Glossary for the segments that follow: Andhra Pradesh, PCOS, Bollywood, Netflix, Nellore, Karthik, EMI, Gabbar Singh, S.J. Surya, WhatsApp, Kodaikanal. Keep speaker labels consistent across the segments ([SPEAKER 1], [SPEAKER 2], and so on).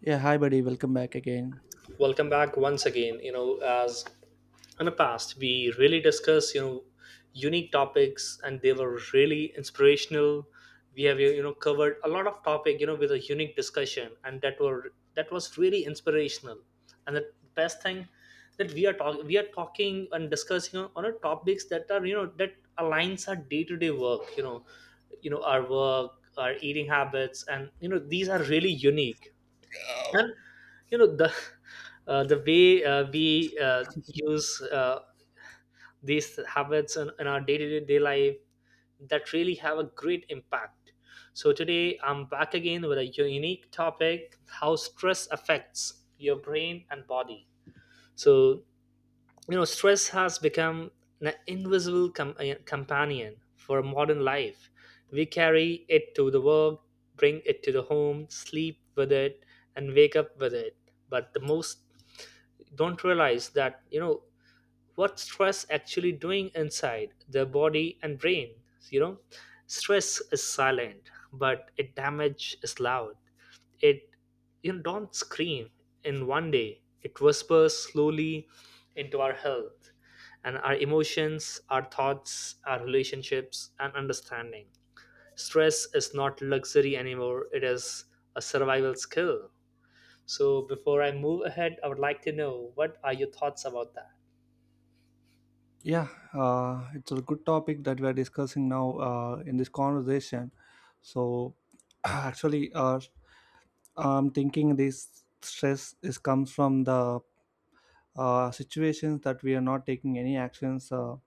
[SPEAKER 1] Yeah, hi buddy, welcome back again.
[SPEAKER 2] Welcome back once again. As in the past, we really discussed unique topics and they were really inspirational. We have covered a lot of topic with a unique discussion and that was really inspirational. And the best thing that we are talking and discussing on a topics that are that aligns our day-to-day work. Our work, our eating habits, and these are really unique. And you know the the way we use these habits in our day-to-day life, that really have a great impact. So today I'm back again with a unique topic: how stress affects your brain and body. So stress has become an invisible companion for modern life. We carry it to the work, bring it to the home, sleep with it, and wake up with it. But the most don't realize that what stress actually doing inside the body and brain. you know Stress is silent, but it damage is loud. It don't scream in 1 day, it whispers slowly into our health and our emotions, our thoughts, our relationships. And understanding stress is not luxury anymore, it is a survival skill. So before I move ahead, I would like to know what are your thoughts about that.
[SPEAKER 1] Yeah, it's a good topic that we are discussing now in this conversation. So, actually, I'm thinking this stress is comes from the situations that we are not taking any actions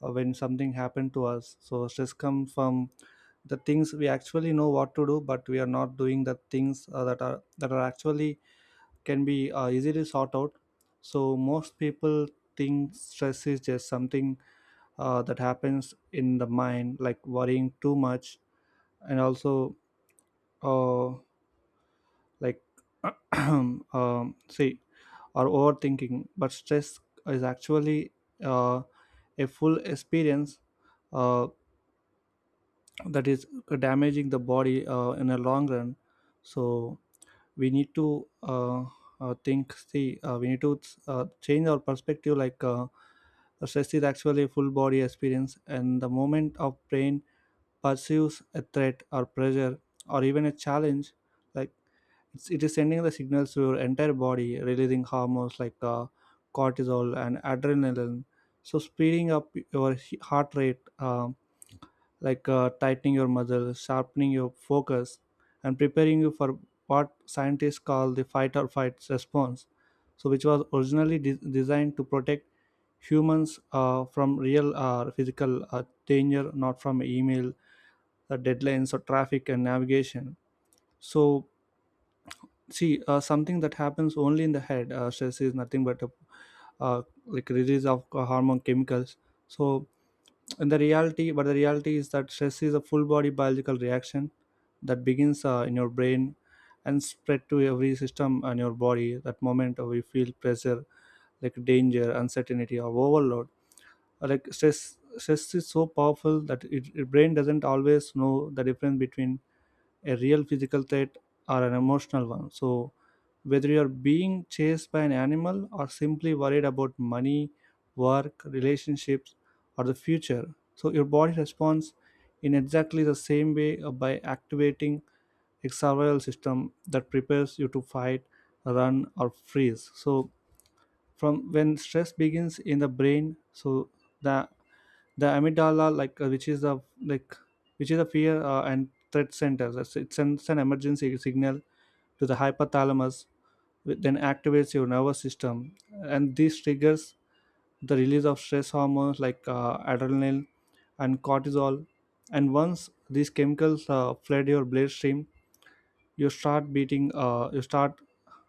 [SPEAKER 1] when something happened to us. So, stress comes from the things we actually know what to do, but we are not doing the things that are actually can be easily sought out. So most people think stress is just something that happens in the mind, like worrying too much, and also uh, like see or overthinking. But stress is actually uh, a full experience uh, that is damaging the body in a long run. So we need to think see we need to change our perspective like stress is actually a full body experience and the moment of brain perceives a threat or pressure or even a challenge like it is sending the signals to your entire body, releasing hormones like cortisol and adrenaline, so speeding up your heart rate, like tightening your muscle, sharpening your focus, and preparing you for what scientists call the fight or flight response. So, which was originally designed to protect humans from real physical danger, not from email, deadlines, or traffic and navigation. So, see, something that happens only in the head, stress is nothing but a like release of hormone chemicals. So, and the reality but the reality is that stress is a full body biological reaction that begins in your brain and spread to every system in your body that moment we feel pressure like danger, uncertainty, or overload. Like stress is so powerful that your brain doesn't always know the difference between a real physical threat or an emotional one. So, whether you're being chased by an animal or simply worried about money, work, relationships, or the future, so your body responds in exactly the same way by activating a survival system that prepares you to fight, run, or freeze. So, from when stress begins in the brain, so the the amygdala, like which is the like which is a fear and threat center. It sends an emergency signal to the hypothalamus, which then activates your nervous system, and this triggers the release of stress hormones like adrenaline and cortisol. And once these chemicals flood your bloodstream, you start beating uh, you start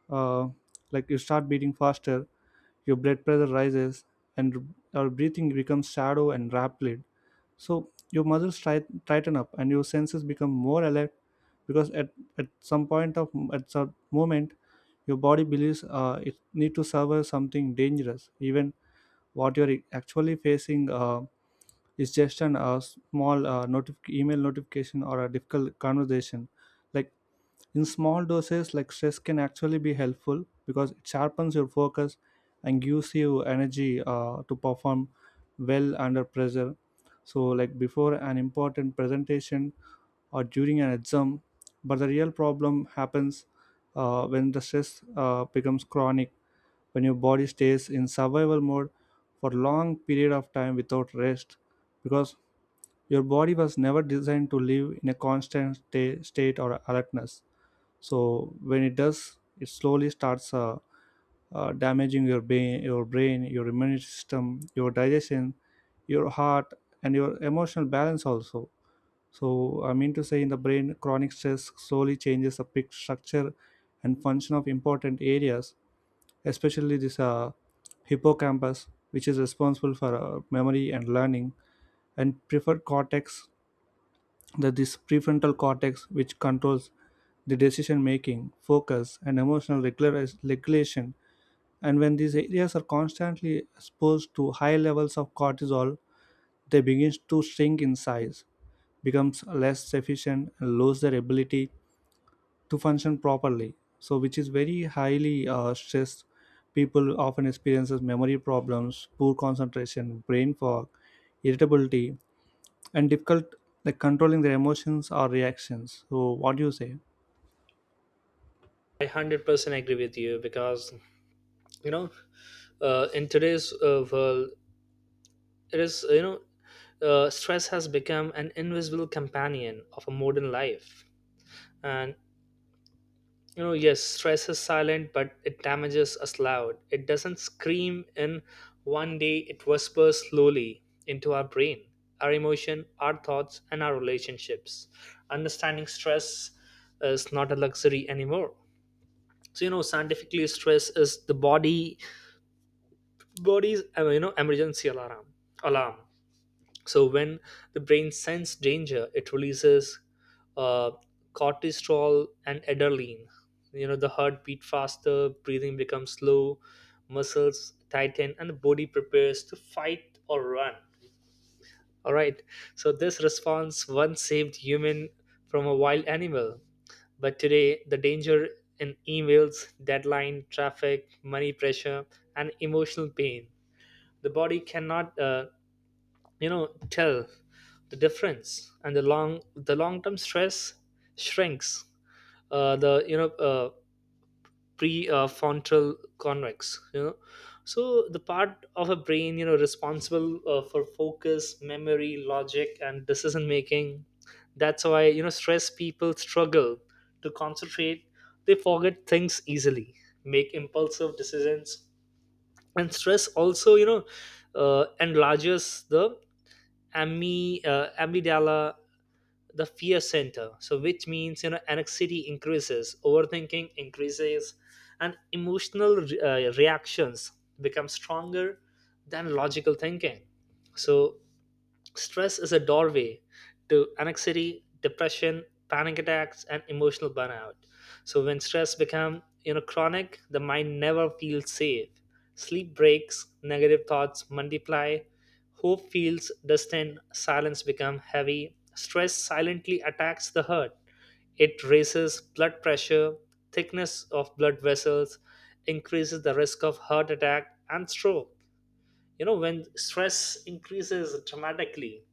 [SPEAKER 1] uh, you start beating faster, your blood pressure rises, and your breathing becomes shallow and rapid. So your tighten up and your senses become more alert because at some moment your body believes it need to survive something dangerous, even what you're actually facing is just an small email notification or a difficult conversation. Like, in small doses, like stress can actually be helpful because it sharpens your focus and gives you energy to perform well under pressure. So, like before an important presentation or during an exam, but the real problem happens when the stress becomes chronic, when your body stays in survival mode for long period of time without rest, because your body was never designed to live in a constant state or alertness. So when it does, it slowly starts damaging your brain, your immune system, your digestion, your heart, and your emotional balance also. So I mean to say, in the brain, chronic stress slowly changes the pic structure and function of important areas, especially this hippocampus, which is responsible for memory and learning, and preferred cortex, that this prefrontal cortex, which controls the decision making, focus, and emotional regulation. And when these areas are constantly exposed to high levels of cortisol, they begin to shrink in size, becomes less efficient, and lose their ability to function properly. So which is very highly stressed people often experiences memory problems, poor concentration, brain fog, irritability, and difficult like controlling their emotions or reactions. So what do you say?
[SPEAKER 2] I 100% agree with you because you know in today's world, it is, stress has become an invisible companion of a modern life. And yes, stress is silent, but it damages us loud. It doesn't scream in 1 day; it whispers slowly into our brain, our emotion, our thoughts, and our relationships. Understanding stress is not a luxury anymore. So, scientifically, stress is the body's emergency alarm. So when the brain senses danger, it releases uh, cortisol and adrenaline. The heart beat faster, breathing becomes slow, muscles tighten, and the body prepares to fight or run. All right. So this response once saved human from a wild animal, but today the danger in emails, deadline, traffic, money pressure, and emotional pain, the body cannot tell the difference. And the long term stress shrinks the prefrontal convex. So the part of a brain responsible for focus, memory, logic, and decision making. That's why stress people struggle to concentrate, they forget things easily, make impulsive decisions. And stress also enlarges the amygdala, the fear center. So, which means anxiety increases, overthinking increases, and emotional reactions become stronger than logical thinking. So, stress is a doorway to anxiety, depression, panic attacks, and emotional burnout. So when stress becomes chronic, the mind never feels safe. Sleep breaks, negative thoughts multiply, hope feels distant, silence becomes heavy. Stress silently attacks the heart. It raises blood pressure, thickness of blood vessels, increases the risk of heart attack and stroke. When stress increases dramatically,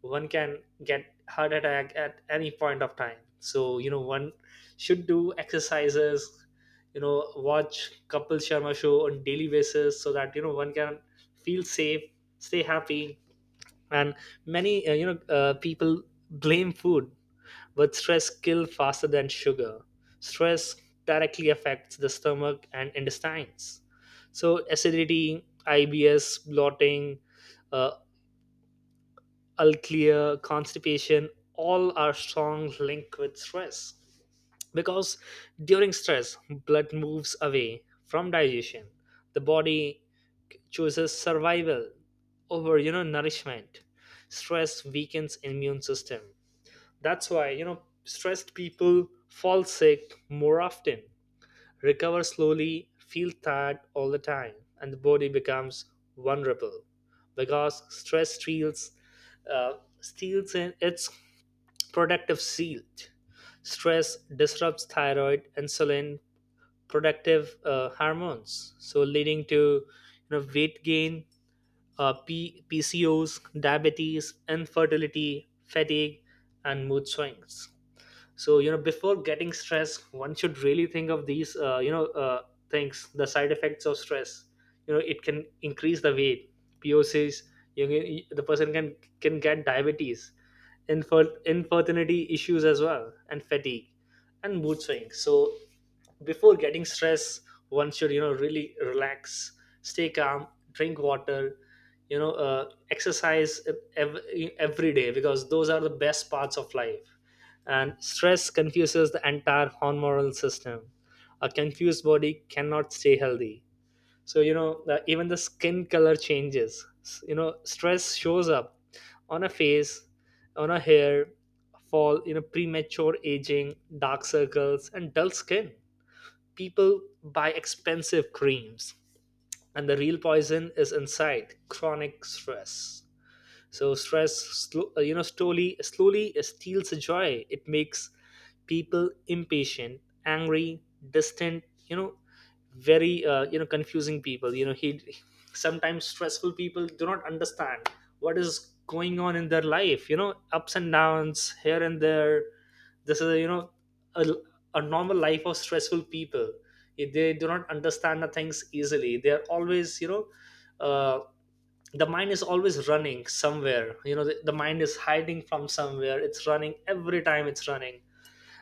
[SPEAKER 2] one can get heart attack at any point of time. So one should do exercises, watch Kapil Sharma show on daily basis so that one can feel safe, stay happy. And many people blame food, but stress kills faster than sugar. Stress directly affects the stomach and intestines. So, acidity, IBS, bloating, uh, unclear, constipation, all are strong link with stress. Because during stress, blood moves away from digestion. The body chooses survival over, nourishment. Stress weakens immune system. That's why, stressed people fall sick more often, recover slowly, feel tired all the time, and the body becomes vulnerable because stress uh, steals in its protective shield. Stress disrupts thyroid, insulin, protective hormones, so leading to weight gain, PCOS, diabetes, infertility, fatigue, and mood swings. So before getting stress one should really think of these things, the side effects of stress. It can increase the weight, pocs. The person can get diabetes, infertility issues as well, and fatigue and mood swings. So before getting stress, one should really relax, stay calm, drink water, exercise ev- every day, because those are the best parts of life. And stress confuses the entire hormonal system. A confused body cannot stay healthy. So even the skin color changes. Stress shows up on a face, on a hair fall, premature aging, dark circles, and dull skin. People buy expensive creams, and the real poison is inside chronic stress. So stress, slowly slowly steals joy. It makes people impatient, angry, distant. Very confusing people. You know, he Sometimes stressful people do not understand what is going on in their life. You know, ups and downs here and there. This is a, a normal life of stressful people. They do not understand the things easily. They are always Uh, the mind is always running somewhere. The mind is hiding from somewhere. It's running every time, it's running.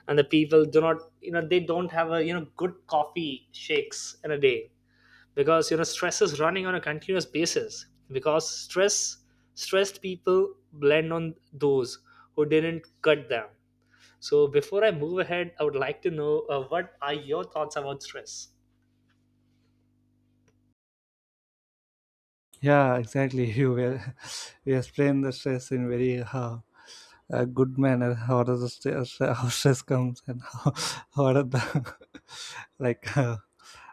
[SPEAKER 2] And the people do not they don't have a good coffee shakes in a day because stress is running on a continuous basis. Because stressed people blend on those who didn't cut them. So before I move ahead, I would like to know what are your thoughts about stress.
[SPEAKER 1] Yeah, exactly. You will you explain the stress in very a good manner. How does the stress, how stress comes and how what are the like uh,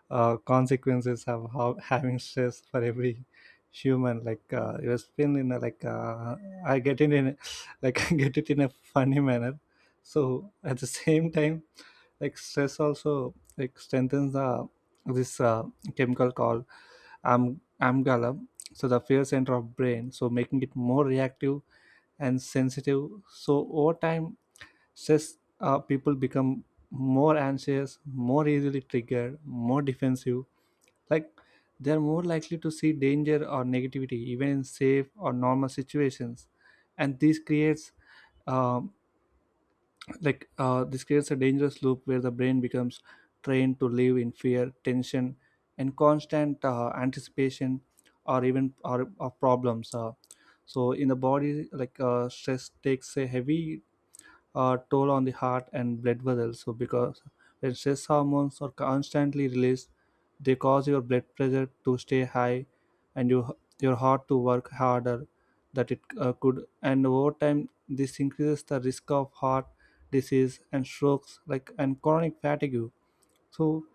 [SPEAKER 1] uh, consequences of how, having stress for every human, like you explain in a, like I get it in a, like I get it in a funny manner. So at the same time, like stress also like strengthens the this chemical called am- amygdala, so the fear center of brain, so making it more reactive and sensitive. So over time, stress people become more anxious, more easily triggered, more defensive, like they're more likely to see danger or negativity even in safe or normal situations. And this creates uh, a dangerous loop where the brain becomes trained to live in fear, tension, and constant anticipation of problems. So in the body, like stress takes a heavy toll on the heart and blood vessels. So, because when stress hormones are constantly released, they cause your blood pressure to stay high and your heart to work harder that it could. And over time, this increases the risk of heart disease and strokes, like, and chronic fatigue. So,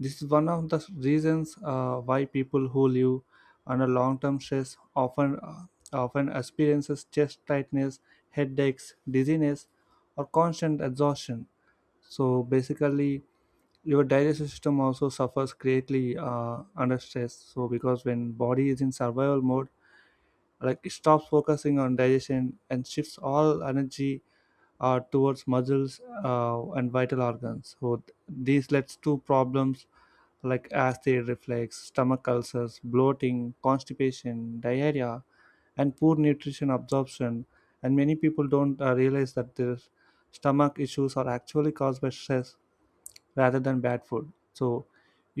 [SPEAKER 1] this is one of the reasons why people who live under long-term stress often experiences chest tightness, headaches, dizziness, or constant exhaustion. So basically, your digestive system also suffers greatly under stress. So because when body is in survival mode, like it stops focusing on digestion and shifts all energy towards muscles and vital organs. So these leads to problems like acid reflux, stomach ulcers, bloating, constipation, diarrhea, and poor nutrition absorption. And many people don't realize that their stomach issues are actually caused by stress rather than bad food. So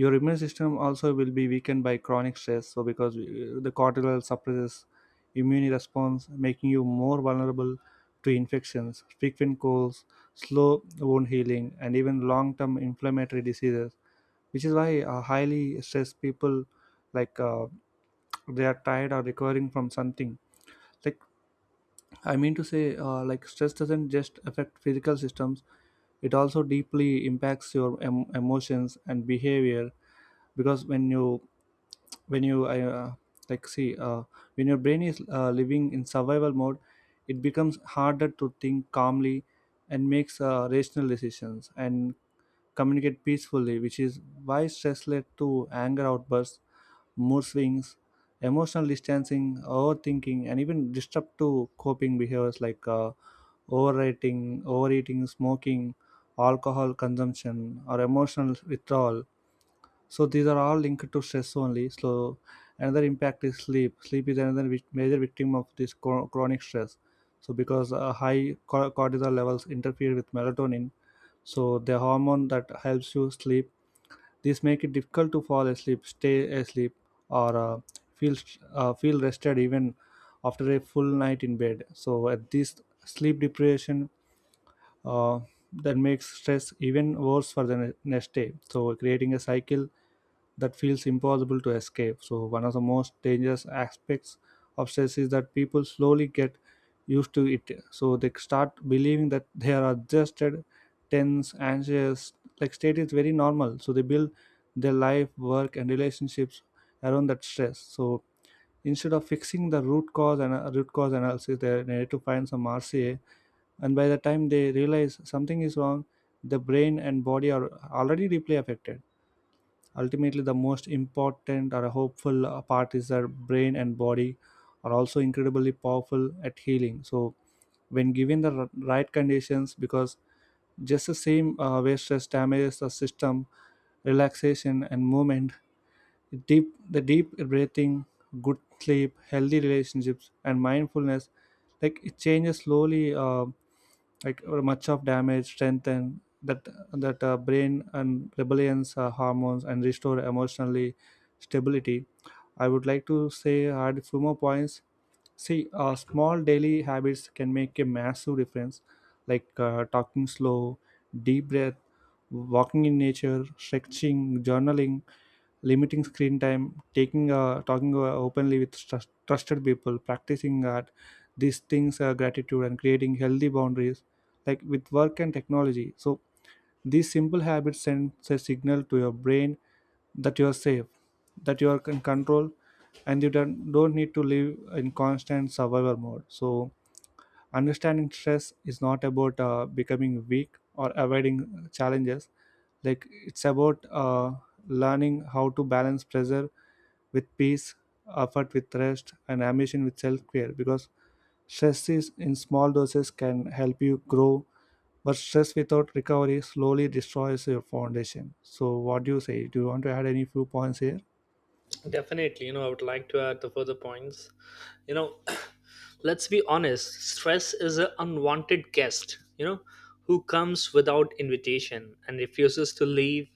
[SPEAKER 1] your immune system also will be weakened by chronic stress, so because the cortisol suppresses immune response, making you more vulnerable to infections, frequent colds, slow wound healing, and even long-term inflammatory diseases, which is why highly stressed people like they are tired or recovering from something. Like, I mean to say, like stress doesn't just affect physical systems; it also deeply impacts your emotions and behavior. Because when you uh, like see uh, when your brain is living in survival mode, it becomes harder to think calmly and makes rational decisions and communicate peacefully, which is why stress led to anger outbursts, mood swings, emotional distancing, overthinking, and even disrupt to coping behaviors like. Overeating, smoking, alcohol consumption, or emotional withdrawal. So these are all linked to stress only. So another impact is sleep. Sleep is another major victim of this chronic stress. So because high cortisol levels interfere with melatonin, so the hormone that helps you sleep. This make it difficult to fall asleep, stay asleep, or feel rested even after a full night in bed. So at this sleep deprivation uh, that makes stress even worse for the next day. So, creating a cycle that feels impossible to escape. So, one of the most dangerous aspects of stress is that people slowly get used to it. So, they start believing that they are adjusted, tense, anxious. Like, state is very normal. So, they build their life, work, and relationships around that stress. So, instead of fixing the root cause and root cause analysis, they need to find some RCA, and by the time they realize something is wrong, the brain and body are already deeply affected. Ultimately, the most important or hopeful part is that brain and body are also incredibly powerful at healing. So when given the right conditions, because just the same way stress damages the system, relaxation and movement, deep breathing, good sleep, healthy relationships, and mindfulness, like it changes slowly like or much of damage strengthen that that brain and rebellions hormones and restore emotionally stability. I would like to say add a few more points. See, small daily habits can make a massive difference, like talking slow, deep breath, walking in nature, stretching, journaling, limiting screen time, taking talking openly with trusted people, practicing art, these things gratitude and creating healthy boundaries, like with work and technology. So these simple habits send a signal to your brain that you are safe, that you are in control, and you don't need to live in constant survival mode. So understanding stress is not about becoming weak or avoiding challenges. Like it's about learning how to balance pressure with peace, effort with rest, and ambition with self-care, because stress is in small doses can help you grow, but stress without recovery slowly destroys your foundation. So what do you say, do you want to add any few points here?
[SPEAKER 2] Definitely, I would like to add the further points. you know let's be honest, stress is an unwanted guest, who comes without invitation and refuses to leave,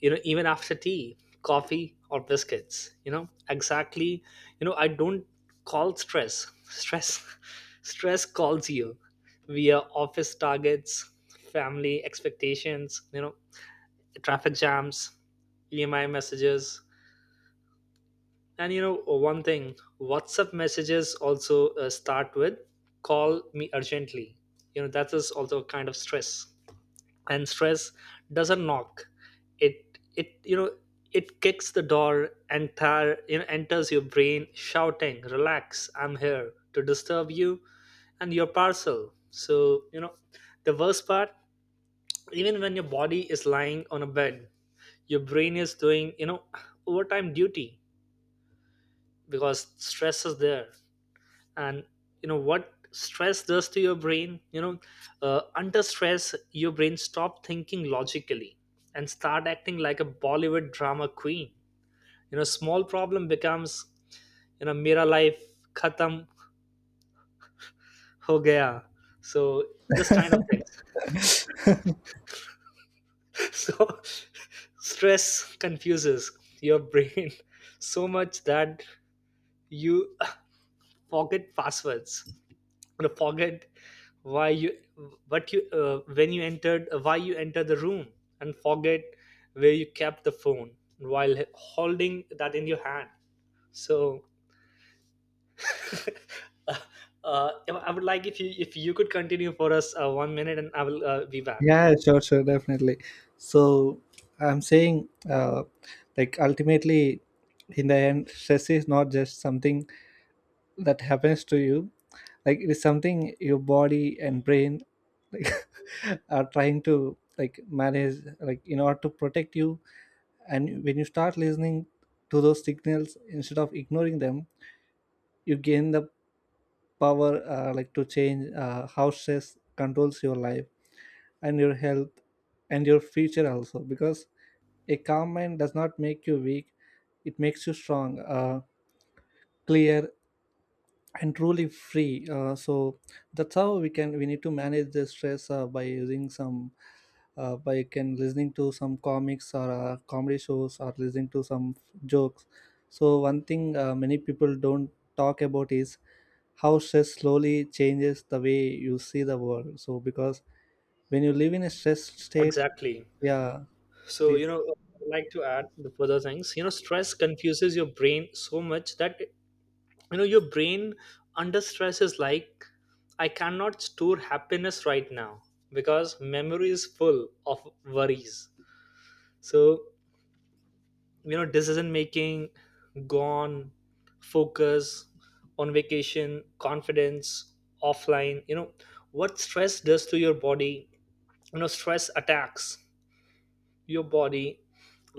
[SPEAKER 2] even after tea, coffee, or biscuits. You know exactly. I don't call stress stress. Stress calls you via office targets, family expectations, traffic jams, emi messages. And you know, one thing WhatsApp messages also start with call me urgently. You know, that is also a kind of stress. And stress doesn't knock. It, it, you know, it kicks the door and enters your brain shouting, relax, I'm here to disturb you and your parcel. So, the worst part, even when your body is lying on a bed, your brain is doing, overtime duty because stress is there. And what stress does to your brain, under stress your brain stop thinking logically and start acting like a Bollywood drama queen. Small problem becomes mera life khatam ho gaya. So this kind of thing. So stress confuses your brain so much that you forget passwords, to forget why you what you when you entered why you entered the room, and forget where you kept the phone while holding that in your hand. So uh, I would like if you could continue for us 1 minute and I will be back.
[SPEAKER 1] Yeah, sure, sure, definitely. So I'm saying, like, ultimately, in the end, stress is not just something that happens to you. Like, it is something your body and brain, like, are trying to like manage, like, in order to protect you. And when you start listening to those signals instead of ignoring them, you gain the power, like, to change how stress controls your life and your health and your future also, because a calm mind does not make you weak, it makes you strong, clear, and truly free. So that's how we can, we need to manage the stress by using some, by can listening to some comics or comedy shows or listening to some jokes. So one thing, many people don't talk about is how stress slowly changes the way you see the world. So because when you live in a stress state,
[SPEAKER 2] Exactly.
[SPEAKER 1] yeah,
[SPEAKER 2] So
[SPEAKER 1] please.
[SPEAKER 2] I would like to add the further things. Stress confuses your brain so much that your brain under stress is like, I cannot store happiness right now because memory is full of worries. So decision making gone, focus on vacation, confidence offline. What stress does to your body? Stress attacks your body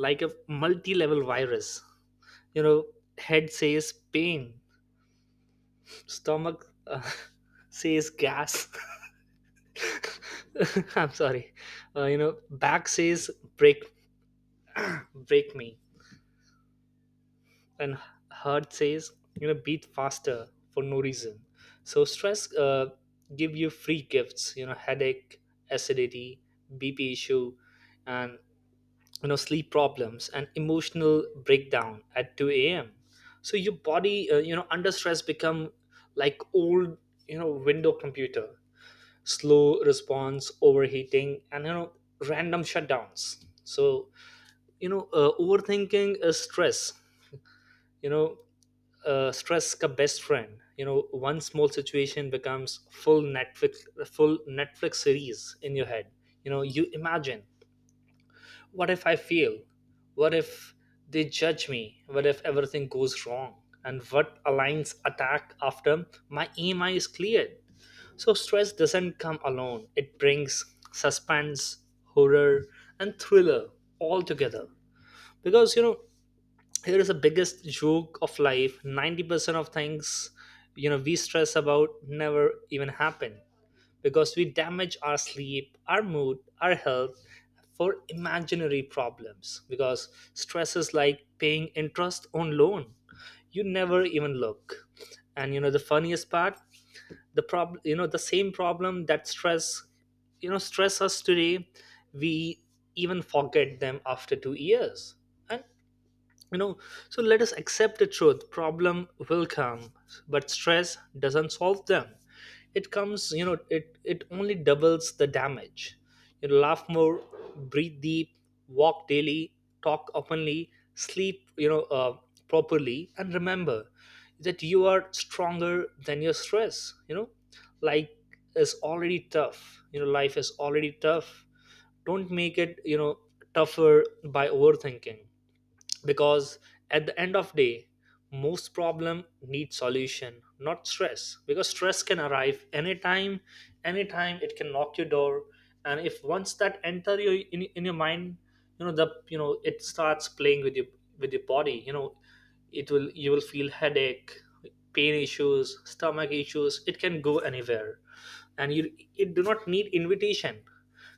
[SPEAKER 2] like a multi-level virus. you know Head says pain, stomach says gas. I'm sorry. Back says break, break me, and heart says beat faster for no reason. So stress give you free gifts. You know, headache, acidity, BP issue, and sleep problems and emotional breakdown at 2 a.m. So your body, under stress become like old window computer, slow response, overheating, and random shutdowns. So overthinking is stress, you know stress ka best friend. One small situation becomes full Netflix series in your head. You imagine, what if I fail, what if they judge me, what if everything goes wrong, and what alliance attack after my emi is cleared. So stress doesn't come alone. It brings suspense, horror, and thriller all together. Because here is the biggest joke of life. 90% of things we stress about never even happen because we damage our sleep, our mood, our health for imaginary problems because stress is like paying interest on loan you never even look. And the funniest part, the problem, the same problem that stress you know stress us today, we even forget them after 2 years. And you know so let us accept the truth: problem will come, but stress doesn't solve them. It comes, it only doubles the damage. You laugh more, breathe deep, walk daily, talk openly, sleep properly, and remember that you are stronger than your stress. You know like is already tough. Life is already tough. Don't make it tougher by overthinking, because at the end of day, most problem need solution, not stress. Because stress can arrive anytime, anytime it can knock your door. And if once that enter in your mind, you know the you know it starts playing with your body. It will, you will feel headache, pain issues, stomach issues. It can go anywhere. And you, it do not need invitation.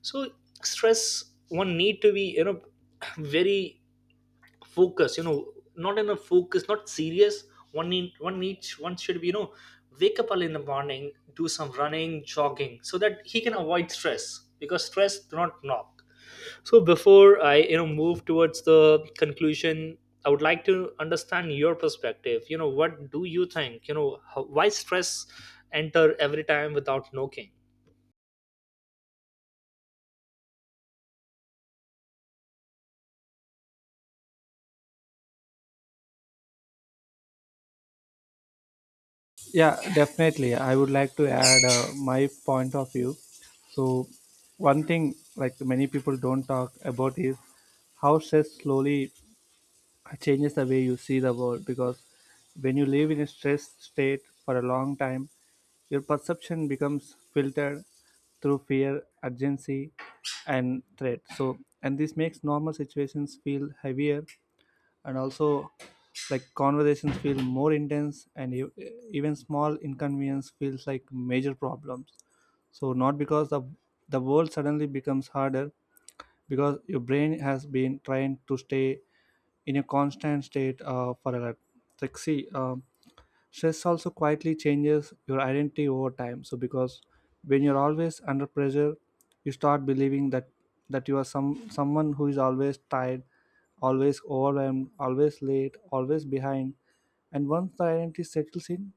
[SPEAKER 2] So stress, one need to be very focus, not in a focus, not serious. One need one each, One should be, wake up early in the morning, do some running, jogging, so that he can avoid stress, because stress do not knock. So before I move towards the conclusion, I would like to understand your perspective. What do you think, why stress enter every time without knocking?
[SPEAKER 1] Yeah, definitely. I would like to add my point of view. So, one thing like many people don't talk about is how stress slowly changes the way you see the world. Because when you live in a stress state for a long time, your perception becomes filtered through fear, urgency, and threat. So, and this makes normal situations feel heavier, and also like conversations feel more intense, and even small inconvenience feels like major problems. So not because the world suddenly becomes harder, because your brain has been trying to stay in a constant state for a, like, see, stress also quietly changes your identity over time. So because when you're always under pressure, you start believing that you are someone who is always tired, always overwhelmed, always late, always behind. And once the identity settles in,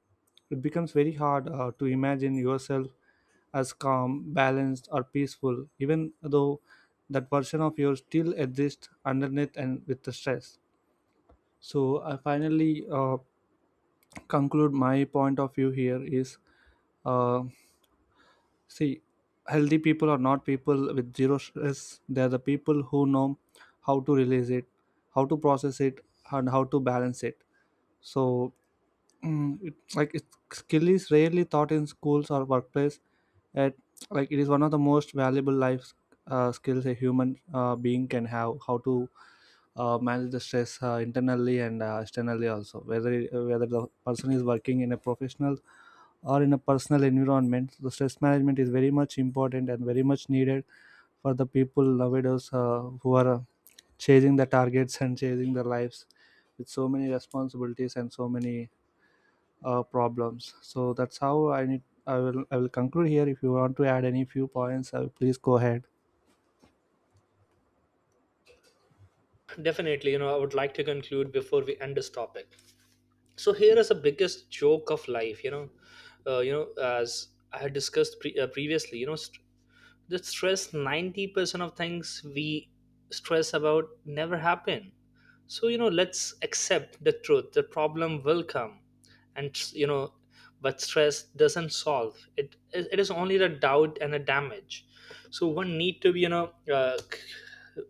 [SPEAKER 1] it becomes very hard to imagine yourself as calm, balanced, or peaceful, even though that version of yours still exists underneath and with the stress. So I finally, conclude my point of view here is, uh, see, healthy people are not people with zero stress, they are the people who know how to release it, how to process it, and how to balance it. So, mm, it, like it, skill is rarely taught in schools or workplace at, like it is one of the most valuable life skills a human being can have. How to manage the stress internally and externally also, whether the person is working in a professional or in a personal environment. So, the stress management is very much important and very much needed for the people nowadays who are chasing the targets and chasing their lives with so many responsibilities and so many problems. So that's how I will conclude here. If you want to add any few points, please go ahead.
[SPEAKER 2] Definitely, I would like to conclude before we end this topic. So here is the biggest joke of life. As I had discussed, previously, the stress, 90% of things we stress about never happen. So, let's accept the truth, the problem will come. And but stress doesn't solve it, it is only the doubt and the damage. So one need to be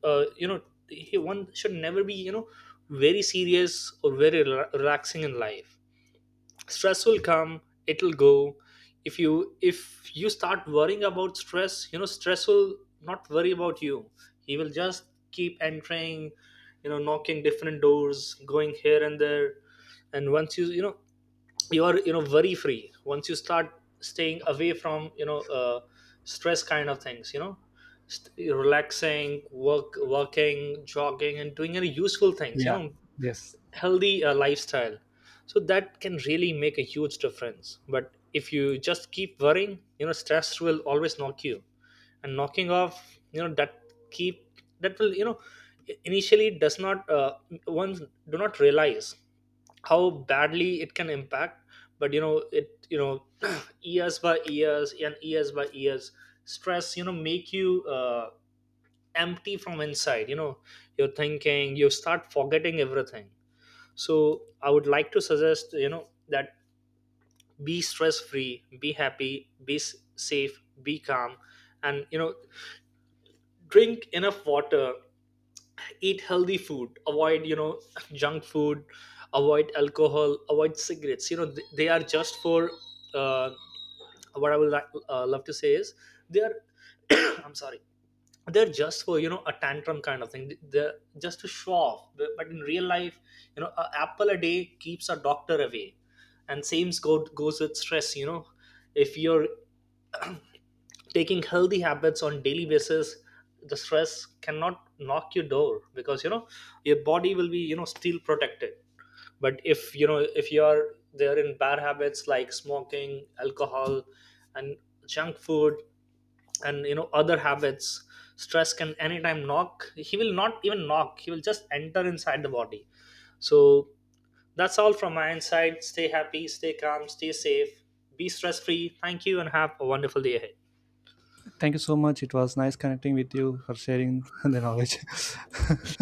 [SPEAKER 2] uh, you know one should never be, very serious or very relaxing in life. Stress will come, it'll go. If you start worrying about stress, stress will not worry about you. He will just keep entering, knocking different doors, going here and there. And once you you know you are, worry free. Once you start staying away from stress kind of things, relaxing, working, jogging, and doing any useful things,
[SPEAKER 1] Yeah. Yes.
[SPEAKER 2] healthy lifestyle, so that can really make a huge difference. But if you just keep worrying, stress will always knock you. And knocking off, you know that keep that will you know initially, does not one do not realize how badly it can impact. But you know it you know years by years and years by years, stress make you empty from inside. You're thinking, you start forgetting everything. So I would like to suggest that be stress free, be happy, be safe, be calm. And drink enough water, eat healthy food, avoid junk food, avoid alcohol, avoid cigarettes. They are just for uh, what I would love to say is, they are I'm sorry, they're just for a tantrum kind of thing. They're just to show off. But in real life, a apple a day keeps a doctor away. And same goes with stress. If you're taking healthy habits on daily basis, the stress cannot knock your door, because your body will be, still protected. But if if you're there in bad habits like smoking, alcohol, and junk food, and other habits, stress can anytime knock. He will not even knock, he will just enter inside the body. So that's all from my inside. Stay happy, stay calm, stay safe, be stress free. Thank you and have a wonderful day ahead.
[SPEAKER 1] Thank you so much, it was nice connecting with you for sharing the knowledge.